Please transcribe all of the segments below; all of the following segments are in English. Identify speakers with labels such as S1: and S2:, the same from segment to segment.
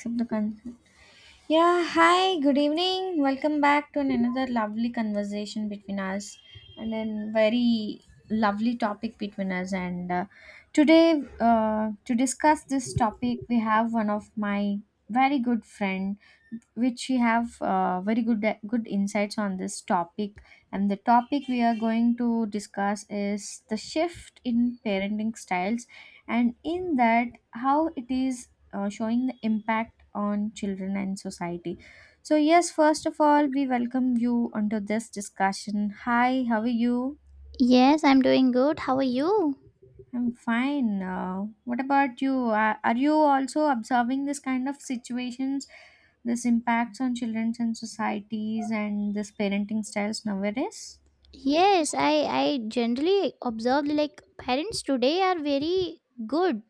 S1: Accept the consent. Yeah, hi, good evening. Welcome back to another lovely conversation between us and then very lovely topic between us and today to discuss this topic we have one of my very good friend which she have very good insights on this topic. And the topic we are going to discuss is the shift in parenting styles, and in that how it is showing the impact on children and society. So yes, first of all, we welcome you onto this discussion. Hi, how are you?
S2: Yes, I'm doing good. How are you?
S1: I'm fine. What about you, are you also observing this kind of situations, this impacts on children and societies and this parenting styles nowadays?
S2: Yes, I generally observed like parents today are very good.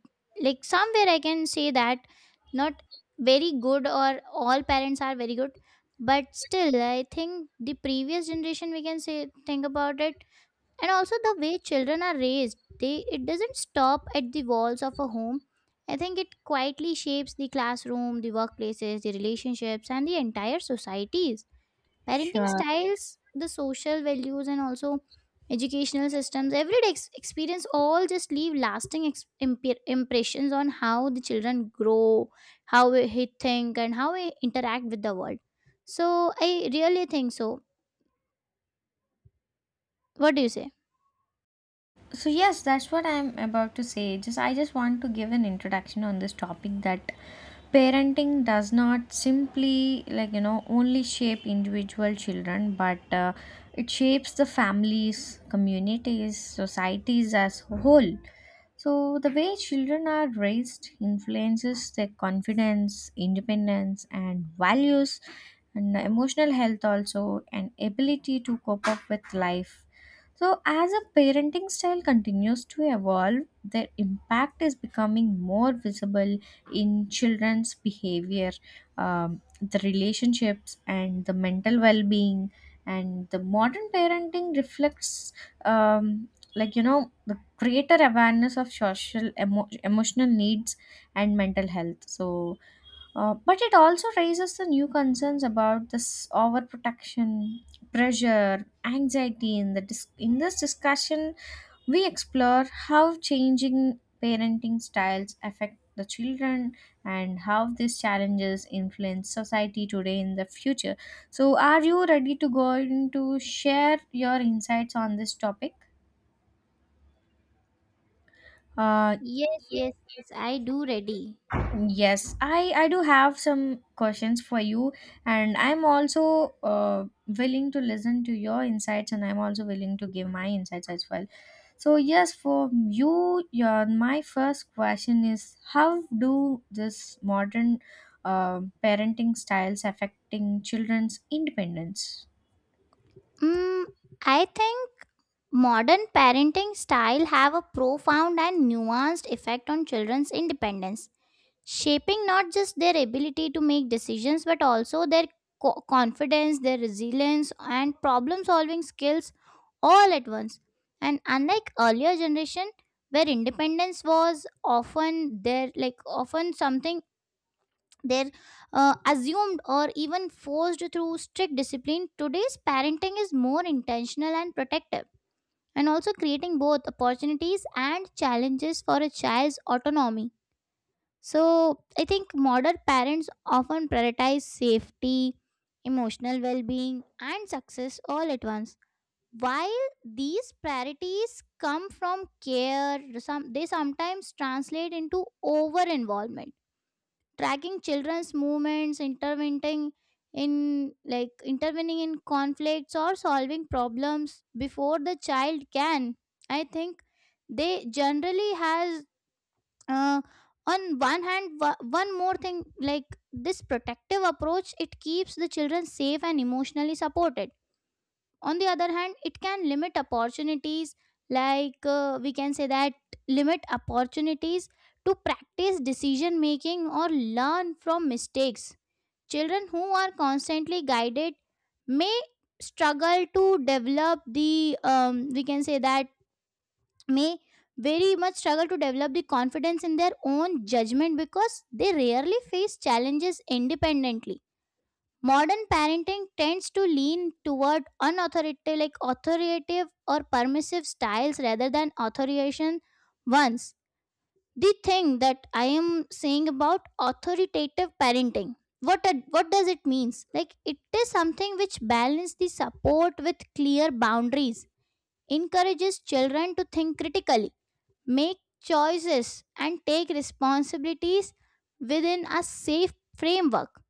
S2: Like somewhere I can say that not very good or all parents are very good, but still I think the previous generation we can say think about it. And also the way children are raised, they it doesn't stop at the walls of a home. I think it quietly shapes the classroom, the workplaces, the relationships and the entire societies, parenting
S1: Sure.
S2: styles, the social values and also educational systems, everyday experience all just leave lasting impressions on how the children grow, how he think and how he interact with the world. So I really think so. What do you say?
S1: So yes, that's what I'm about to say. Just I just want to give an introduction on this topic, that parenting does not simply, like, you know, only shape individual children, but it shapes the families, communities, societies as a whole. So the way children are raised influences their confidence, independence, and values, and emotional health also, and ability to cope up with life. So, as a parenting style continues to evolve, their impact is becoming more visible in children's behavior, the relationships, and the mental well being. And the modern parenting reflects, um, like, you know, the greater awareness of social, emotional needs, and mental health. So, but it also raises the new concerns about this overprotection, pressure, anxiety. In the in this discussion, we explore how changing parenting styles affect the children and how these challenges influence society today in the future. So, are you ready to go into share your insights on this topic? Uh,
S2: Yes, yes, yes, I do ready.
S1: Yes, I do have some questions for you, and I'm also willing to listen to your insights, and I'm also willing to give my insights as well. So yes, for you, your my first question is, how do this modern parenting styles affecting children's independence?
S2: Mm, I think modern parenting style have a profound and nuanced effect on children's independence, shaping not just their ability to make decisions but also their confidence, their resilience, and problem-solving skills all at once. And unlike earlier generation, where independence was often there, like often something they're assumed or even forced through strict discipline, today's parenting is more intentional and protective and also creating both opportunities and challenges for a child's autonomy. So I think modern parents often prioritize safety, emotional well-being and success all at once. While these priorities come from care, some they sometimes translate into over involvement, tracking children's movements, intervening in, intervening in conflicts or solving problems before the child can. I think they generally has, uh, on one hand, one more thing, like this protective approach, it keeps the children safe and emotionally supported. On the other hand, it can limit opportunities, we can say that, limit opportunities to practice decision making or learn from mistakes. Children who are constantly guided may struggle to develop the we can say that, may very much struggle to develop the confidence in their own judgment because they rarely face challenges independently. Modern parenting tends to lean toward unauthoritative, like authoritative or permissive styles rather than authoritarian ones. The thing that I am saying about authoritative parenting, what does it means? Like it is something which balances the support with clear boundaries, encourages children to think critically, make choices, and take responsibilities within a safe framework.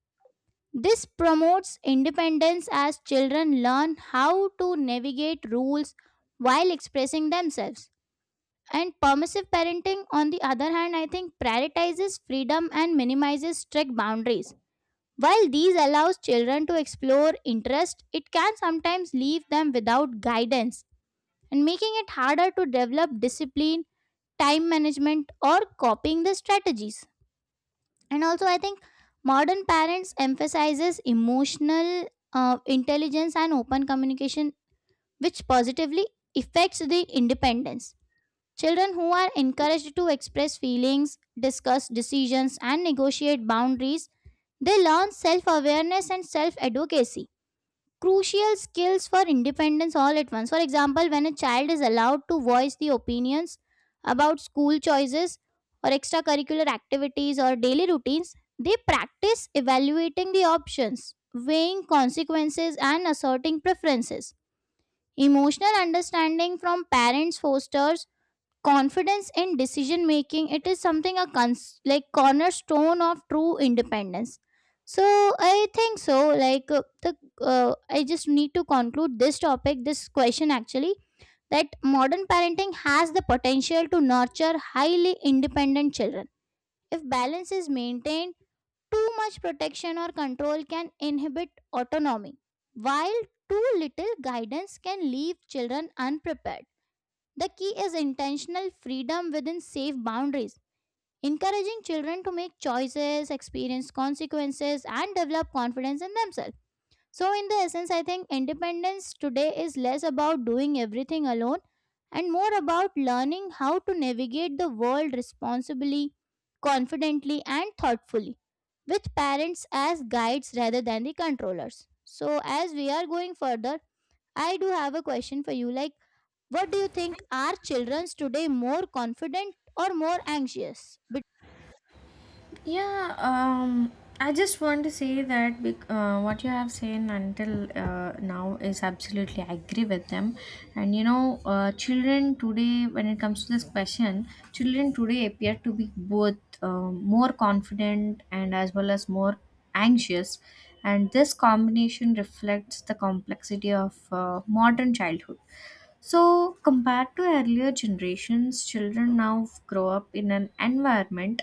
S2: This promotes independence as children learn how to navigate rules while expressing themselves. And permissive parenting, on the other hand, I think prioritizes freedom and minimizes strict boundaries. While these allows children to explore interest, it can sometimes leave them without guidance and making it harder to develop discipline, time management, or copying the strategies. And also I think modern parents emphasizes emotional intelligence and open communication, which positively affects the independence. Children who are encouraged to express feelings, discuss decisions and negotiate boundaries, they learn self awareness and self advocacy, crucial skills for independence all at once. For example, when a child is allowed to voice the opinions about school choices or extracurricular activities or daily routines, they practice evaluating the options, weighing consequences, and asserting preferences. Emotional understanding from parents fosters confidence in decision making. It is something a cornerstone of true independence. So I think so. Like the I just need to conclude this topic, this question actually, that modern parenting has the potential to nurture highly independent children if balance is maintained. Too much protection or control can inhibit autonomy, while too little guidance can leave children unprepared. The key is intentional freedom within safe boundaries, encouraging children to make choices, experience consequences, and develop confidence in themselves. So, in the essence, I think independence today is less about doing everything alone and more about learning how to navigate the world responsibly, confidently, and thoughtfully, with parents as guides rather than the controllers. So, as we are going further, I do have a question for you. Like, what do you think? Are children today more confident or more anxious?
S1: Yeah, I just want to say that what you have said until now, is absolutely I agree with them. And you know, children today, when it comes to this question, children today appear to be both more confident and as well as more anxious. And this combination reflects the complexity of modern childhood. So, compared to earlier generations, children now grow up in an environment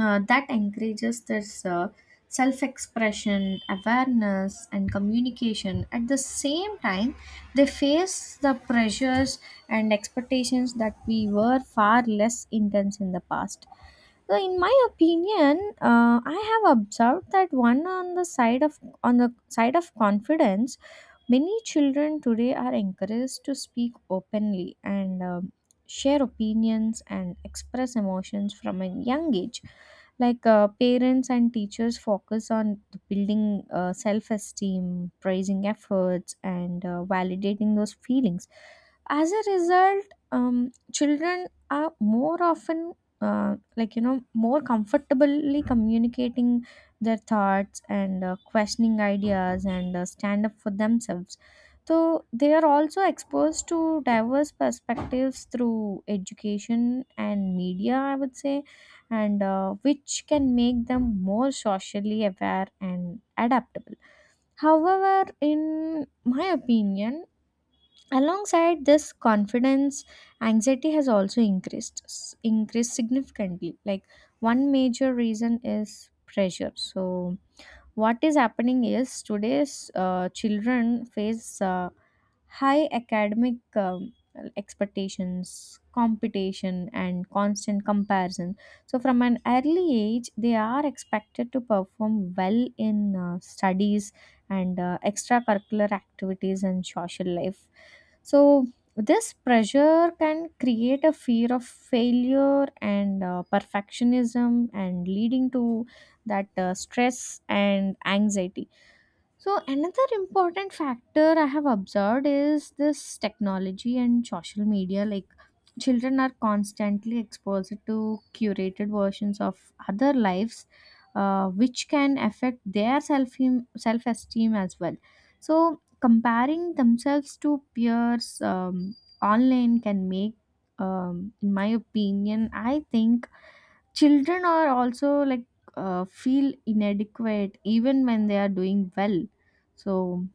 S1: that encourages this self expression, awareness, and communication. At the same time, they face the pressures and expectations that we were far less intense in the past. So, in my opinion, I have observed that, one on the side of on the side of confidence, many children today are encouraged to speak openly and, share opinions and express emotions from a young age, like, parents and teachers focus on building self-esteem, praising efforts, and validating those feelings. As a result, children are more often like, you know, more comfortably communicating their thoughts and questioning ideas and stand up for themselves. So they are also exposed to diverse perspectives through education and media, I would say, and which can make them more socially aware and adaptable. However, in my opinion, alongside this confidence, anxiety has also increased significantly. Like, one major reason is pressure. So what is happening is, today's children face high academic expectations, competition, and constant comparison. So, from an early age, they are expected to perform well in studies and extracurricular activities and social life. So, this pressure can create a fear of failure and perfectionism, and leading to that stress and anxiety. So, another important factor I have observed is this technology and social media. Like, children are constantly exposed to curated versions of other lives, which can affect their self esteem as well. So, comparing themselves to peers online can make, in my opinion, I think children are also like feel inadequate even when they are doing well. So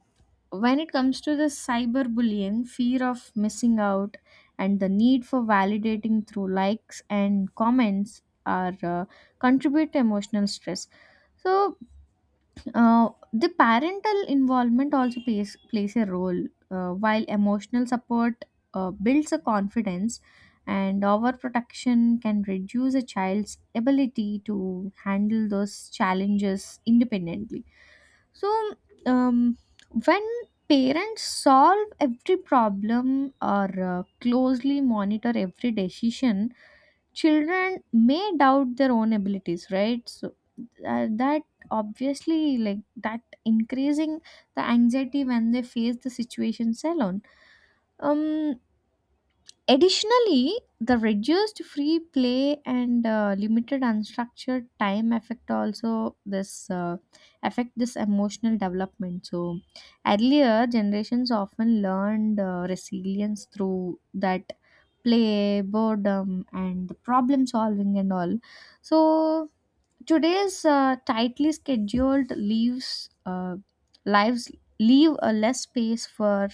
S1: when it comes to the cyberbullying, fear of missing out, and the need for validating through likes and comments are contribute to emotional stress. So the parental involvement also plays a role. While emotional support builds a confidence, and overprotection can reduce a child's ability to handle those challenges independently. So, um, when parents solve every problem or closely monitor every decision, children may doubt their own abilities, right? So that, obviously, like that, increasing the anxiety when they face the situations alone. um Additionally, the reduced free play and limited unstructured time affect also this emotional development. So earlier generations often learned resilience through that play, boredom, and problem solving and all. So today's tightly scheduled leaves lives leave a less space for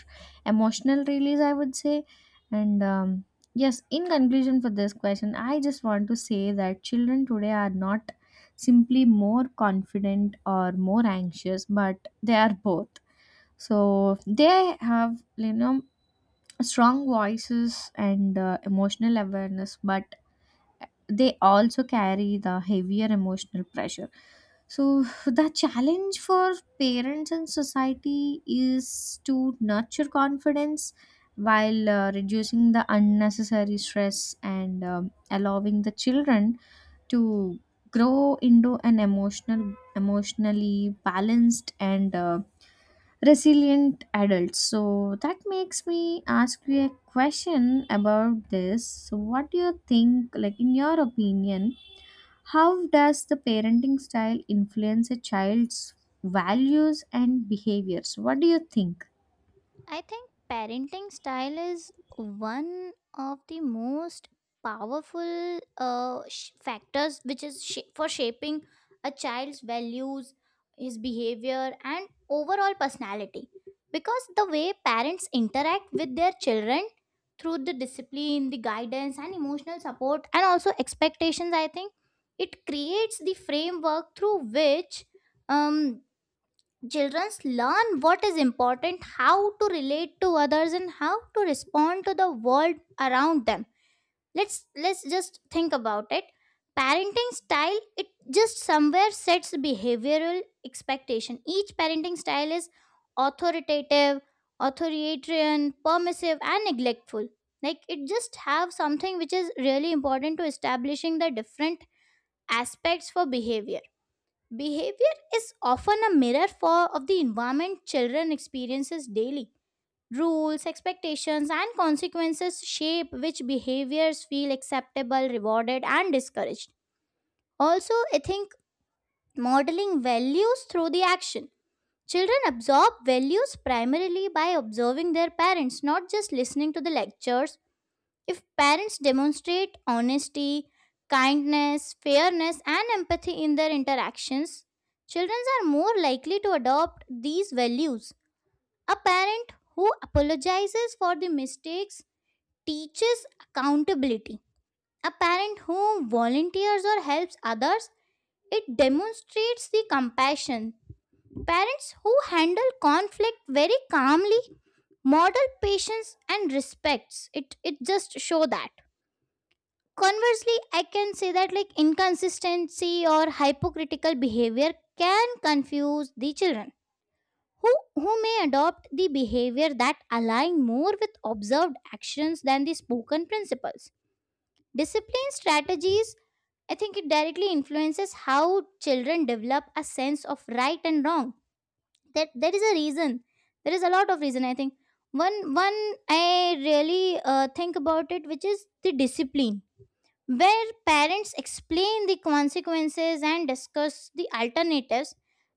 S1: emotional release, I would say. And yes, in conclusion for this question, I just want to say that children today are not simply more confident or more anxious, but they are both. So they have, you know, strong voices and emotional awareness, but they also carry the heavier emotional pressure. So, the challenge for parents and society is to nurture confidence while reducing the unnecessary stress and allowing the children to grow into an emotionally balanced and resilient adults. So that makes me ask you a question about this. So what do you think, like, in your opinion, how does the parenting style influence a child's values and behaviors? What do you think?
S2: I think parenting style is one of the most powerful factors which is for shaping a child's values, his behavior, and overall personality. Because the way parents interact with their children through the discipline, the guidance, and emotional support, and also expectations, I think it creates the framework through which um, children learn what is important, how to relate to others, and how to respond to the world around them. Let's just think about it. Parenting style, it just somewhere sets behavioral expectation. Each parenting style is authoritative, authoritarian, permissive, and neglectful. Like it just have something which is really important to establishing the different aspects for behavior. Behavior is often a mirror for of the environment children experiences daily. Rules, expectations, and consequences shape which behaviors feel acceptable, rewarded, and discouraged. Also, I think modeling values through the action. Children absorb values primarily by observing their parents, not just listening to the lectures. If parents demonstrate honesty, kindness, fairness, and empathy in their interactions, children are more likely to adopt these values. A parent who apologizes for the mistakes teaches accountability. A parent who volunteers or helps others, it demonstrates the compassion. Parents who handle conflict very calmly model patience and respects. It just show that, conversely, I can say that, like inconsistency or hypocritical behavior can confuse the children who may adopt the behavior that align more with observed actions than the spoken principles. Discipline strategies, I think it directly influences how children develop a sense of right and wrong. That there is a reason. There is a lot of reason. I think one I really think about it, which is the discipline where parents explain the consequences and discuss the alternatives.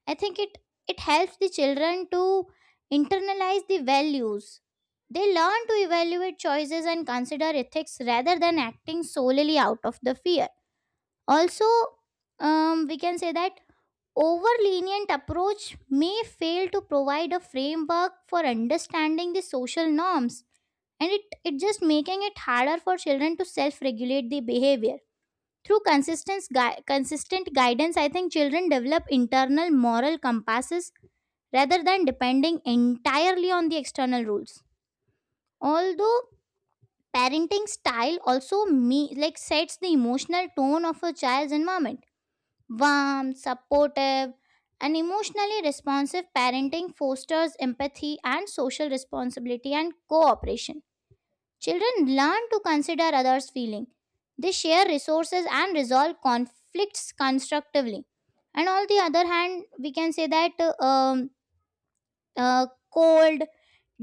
S2: I think it, it helps the children to internalize the values. They learn to evaluate choices and consider ethics rather than acting solely out of the fear. Also, we can say that over lenient approach may fail to provide a framework for understanding the social norms, and it just making it harder for children to self regulate the behavior. Through consistent guidance, I think children develop internal moral compasses rather than depending entirely on the external rules. Although parenting style also sets the emotional tone of a child's environment. Warm, supportive, and emotionally responsive parenting fosters empathy and social responsibility and cooperation. Children learn to consider others' feelings. They share resources and resolve conflicts constructively. And on the other hand, we can say that uh, cold,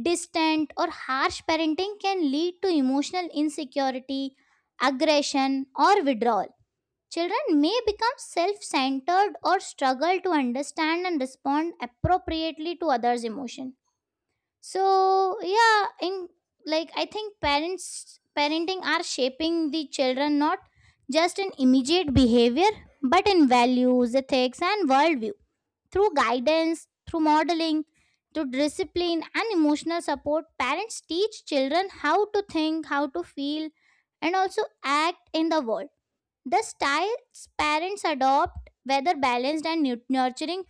S2: distant, or harsh parenting can lead to emotional insecurity, aggression, or withdrawal. Children may become self centered or struggle to understand and respond appropriately to others' emotions. So yeah, in, I think parents, parenting are shaping the children not just in immediate behavior but in values, ethics and worldview. Through guidance, through modeling, through discipline and emotional support, parents teach children how to think, how to feel, and also act in the world. The styles parents adopt, whether balanced and nurturing,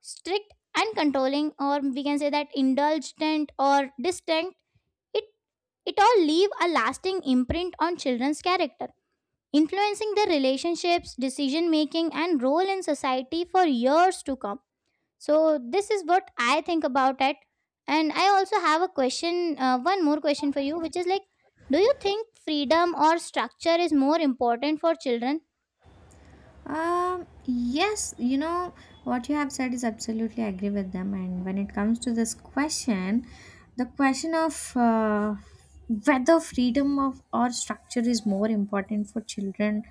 S2: strict and controlling, or we can say that indulgent or distant, it it all leave a lasting imprint on children's character, influencing their relationships, decision making, and role in society for years to come. So this is what I think about it, and I also have a question, one more question for you, which is like, do you think freedom or structure is more important for children?
S1: Yes, you know, what you have said, is absolutely agree with them. And when it comes to this question, the question of whether freedom of or structure is more important for children,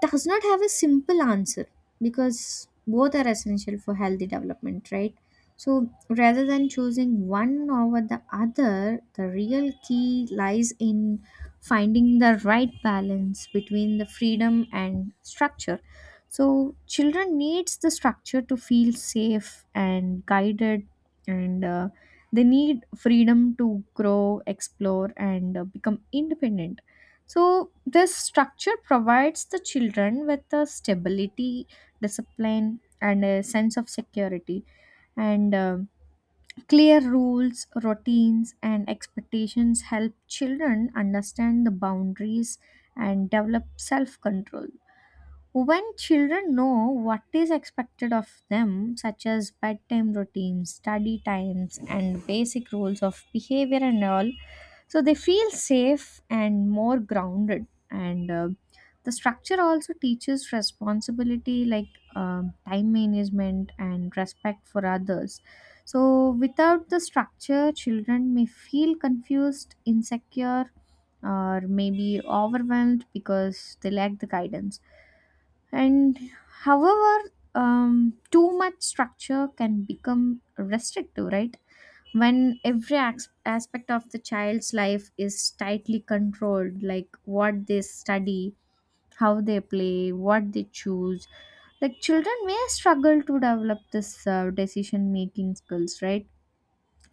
S1: does not have a simple answer, because both are essential for healthy development, right? So rather than choosing one over the other, the real key lies in finding the right balance between the freedom and structure. So children needs the structure to feel safe and guided and they need freedom to grow, explore and become independent. So, this structure provides the children with the stability, discipline, and a sense of security. And clear rules, routines, and expectations help children understand the boundaries and develop self control. When children know what is expected of them, such as bedtime routines, study times, and basic rules of behavior and all, so they feel safe and more grounded, and the structure also teaches responsibility, like time management and respect for others. So without the structure, children may feel confused, insecure, or maybe overwhelmed because they lack the guidance. And however, too much structure can become restrictive, right? When every aspect of the child's life is tightly controlled, like what they study, how they play, what they choose, like, children may struggle to develop this decision making skills, right?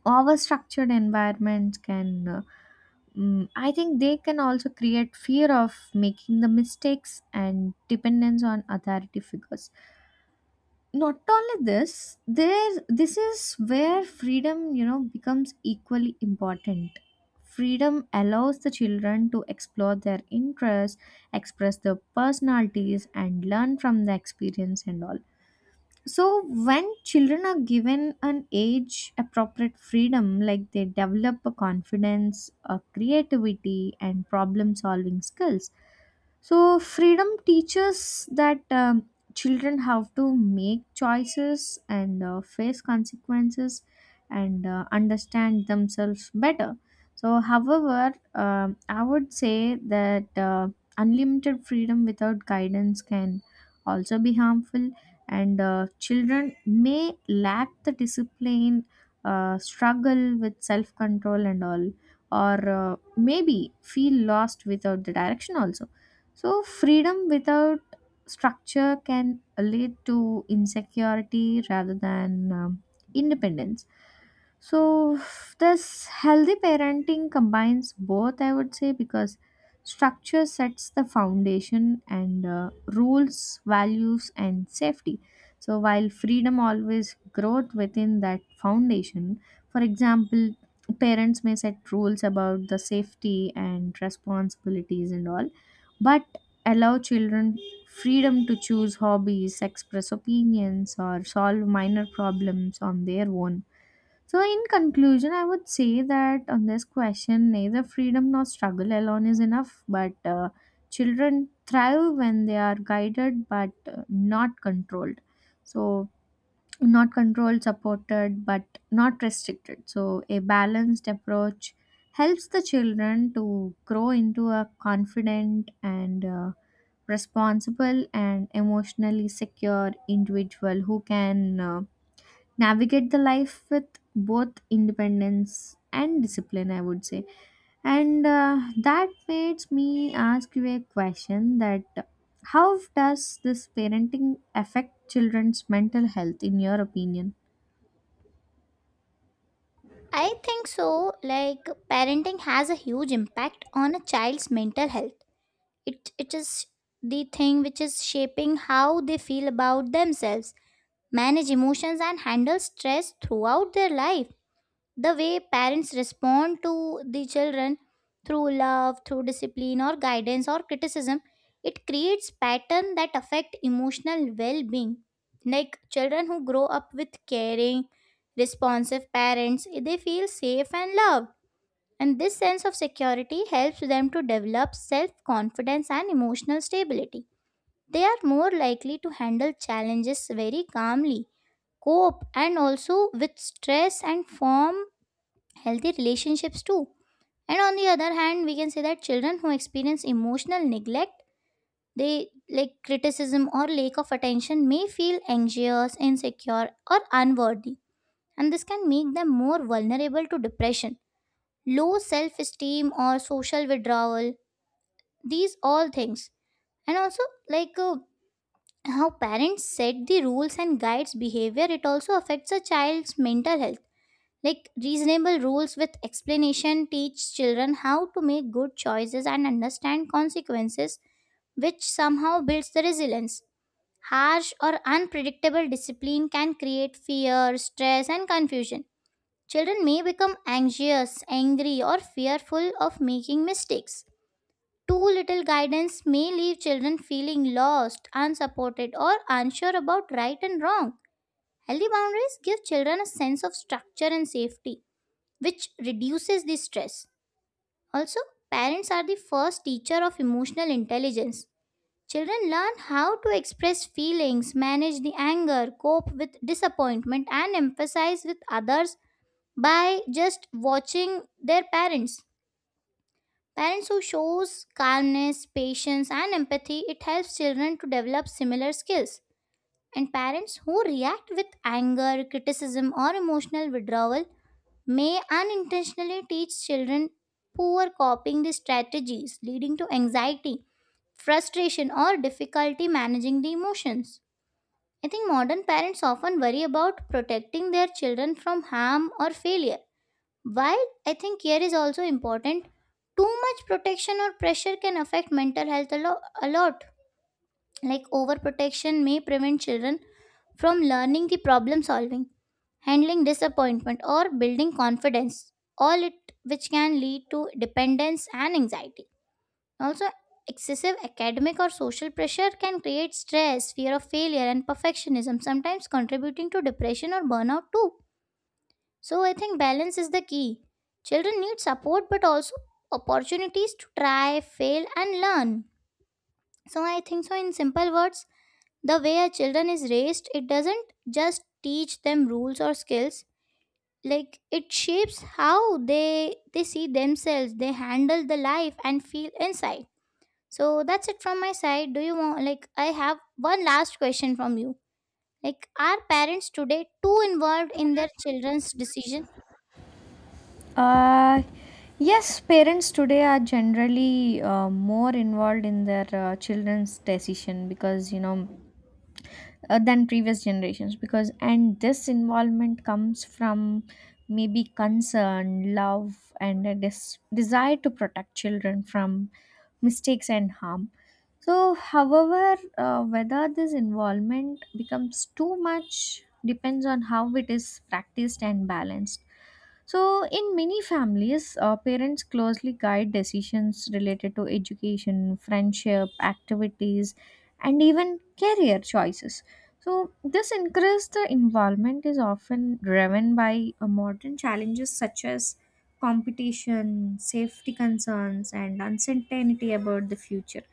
S1: Over structured environments can I think they can also create fear of making the mistakes and dependence on authority figures. Not only this there This is where freedom, you know, becomes equally important. Freedom allows the children to explore their interests, express their personalities, and learn from the experience and all. So when children are given an age appropriate freedom, like, they develop a confidence, a creativity, and problem solving skills. So, freedom teaches that children have to make choices and face consequences and understand themselves better. So, however, I would say that unlimited freedom without guidance can also be harmful, and children may lack the discipline, struggle with self control, and all, or maybe feel lost without the direction also. So, freedom without structure can lead to insecurity rather than independence. So, this healthy parenting combines both, I would say, because structure sets the foundation and rules, values, and safety. So, while freedom always grows within that foundation, for example, parents may set rules about the safety and responsibilities and all, but allow children freedom to choose hobbies, express opinions, or solve minor problems on their own. So, in conclusion, I would say that, on this question, neither freedom nor struggle alone is enough, but children thrive when they are guided but not controlled. So, not controlled, supported, but not restricted. So, a balanced approach helps the children to grow into a confident and responsible and emotionally secure individual who can. Navigate the life with both independence and discipline, I would say, and that makes me ask you a question that how does this parenting affect children's mental health in your opinion?
S2: I think so. Like parenting has a huge impact on a child's mental health. It is the thing which is shaping how they feel about themselves, manage emotions and handle stress throughout their life. The way parents respond to the children, through love, through discipline or guidance or criticism, it creates pattern that affect emotional well-being. Like children who grow up with caring, responsive parents, they feel safe and loved, and this sense of security helps them to develop self-confidence and emotional stability. They are more likely to handle challenges very calmly, cope and also with stress and form healthy relationships too. And on the other hand, we can say that children who experience emotional neglect, they like criticism or lack of attention, may feel anxious, insecure or unworthy, and this can make them more vulnerable to depression, low self esteem or social withdrawal, these all things. And also, like uh, how parents set the rules and guides behavior, it also affects a child's mental health. Like reasonable rules with explanation teach children how to make good choices and understand consequences, which somehow builds the resilience. Harsh or unpredictable discipline can create fear, stress, and confusion. Children may become anxious, angry, or fearful of making mistakes. Too little guidance may leave children feeling lost, unsupported, or unsure about right and wrong. Healthy boundaries give children a sense of structure and safety which reduces the stress. Also, parents are the first teacher of emotional intelligence. Children learn how to express feelings, manage the anger, cope with disappointment, and emphasize with others by just watching their parents. Parents who shows calmness, patience, and empathy, it helps children to develop similar skills. And parents who react with anger, criticism, or emotional withdrawal may unintentionally teach children poor coping strategies, leading to anxiety, frustration, or difficulty managing the emotions. I think modern parents often worry about protecting their children from harm or failure. While I think care is also important, too much protection or pressure can affect mental health a lot. Like overprotection may prevent children from learning the problem solving, handling disappointment or building confidence, all it which can lead to dependence and anxiety. Also excessive academic or social pressure can create stress, fear of failure and perfectionism, sometimes contributing to depression or burnout too. So I think balance is the key. Children need support but also opportunities to try, fail and learn. So I think so, in simple words, the way a children is raised, it doesn't just teach them rules or skills. Like it shapes how they see themselves, they handle the life and feel inside. So that's it from my side. Do you want, like I have one last question from you, like are parents today too involved in their children's decision?
S1: Uh, yes, parents today are generally more involved in their children's decision, because you know than previous generations, because and this involvement comes from maybe concern, love, and a desire to protect children from mistakes and harm. So however, whether this involvement becomes too much depends on how it is practiced and balanced. So, in many families, parents closely guide decisions related to education, friendship, activities, and even career choices. So, this increased the involvement is often driven by modern challenges such as competition, safety concerns, and uncertainty about the future.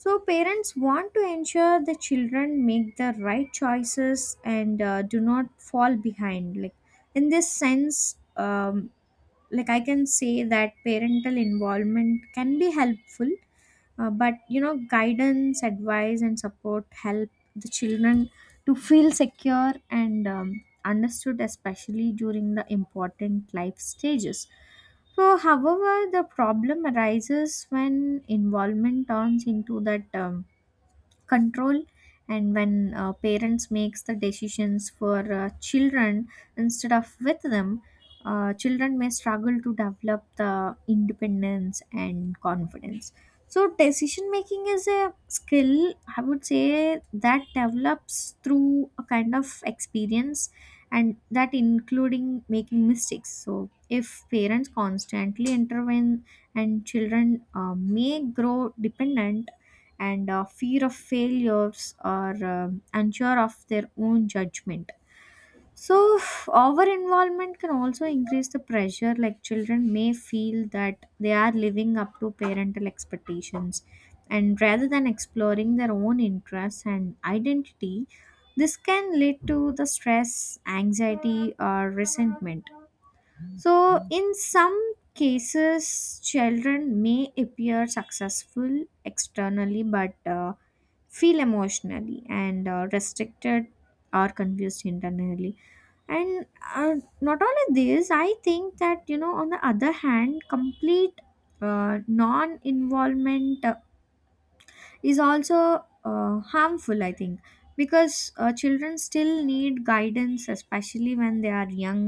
S1: So, parents want to ensure the children make the right choices and do not fall behind. Like in this sense, like I can say that parental involvement can be helpful, but you know, guidance, advice, and support help the children to feel secure and understood, especially during the important life stages. So however, the problem arises when involvement turns into that control, and when parents makes the decisions for children instead of with them, children may struggle to develop the independence and confidence. So decision making is a skill, I would say, that develops through a kind of experience, and that including making mistakes. So if parents constantly intervene, and children may grow dependent and fear of failures or unsure of their own judgment. So, over involvement can also increase the pressure, like children may feel that they are living up to parental expectations, and rather than exploring their own interests and identity, this can lead to the stress, anxiety, or resentment. So, in some cases, children may appear successful externally, but feel emotionally and restricted or confused internally. And uh, Not only this, I think that you know, on the other hand, complete non involvement is also harmful, I think, because children still need guidance, especially when they are young,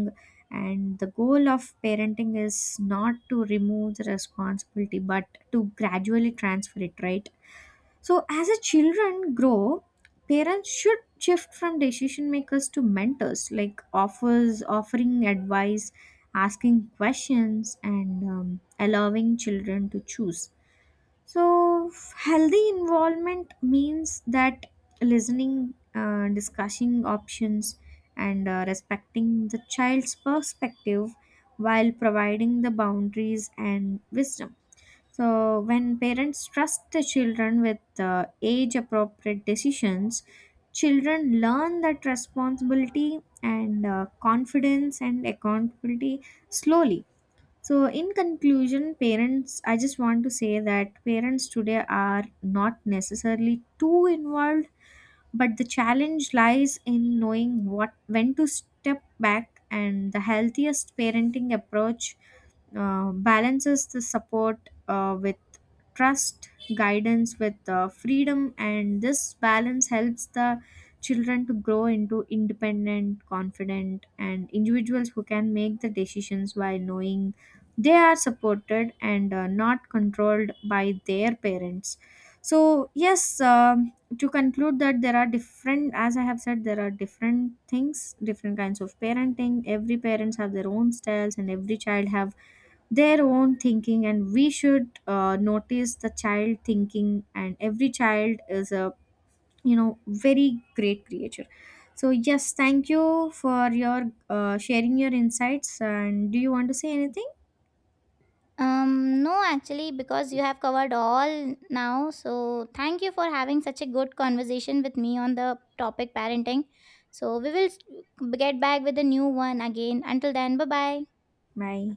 S1: and the goal of parenting is not to remove the responsibility but to gradually transfer it, right? So, as a children grow, parents should shift from decision makers to mentors, like offering advice, asking questions, and allowing children to choose. So, healthy involvement means that listening, discussing options, and respecting the child's perspective while providing the boundaries and wisdom. So, when parents trust the children with age appropriate decisions, children learn that responsibility and confidence and accountability slowly. So, in conclusion, parents, I just want to say that parents today are not necessarily too involved, but the challenge lies in knowing what when to step back, and the healthiest parenting approach balances the support with trust, guidance with freedom, and this balance helps the children to grow into independent, confident, and individuals who can make the decisions while knowing they are supported and not controlled by their parents. So, yes, to conclude that there are different, as I have said, there are different things, different kinds of parenting. Every parents have their own styles, and every child have their own thinking, and we should notice the child thinking, and every child is a, you know, very great creature. So yes, thank you for your sharing your insights, and do you want to say anything?
S2: no, actually, because you have covered all now. So thank you for having such a good conversation with me on the topic parenting. So we will get back with a new one again. Until then, bye bye.
S1: Bye.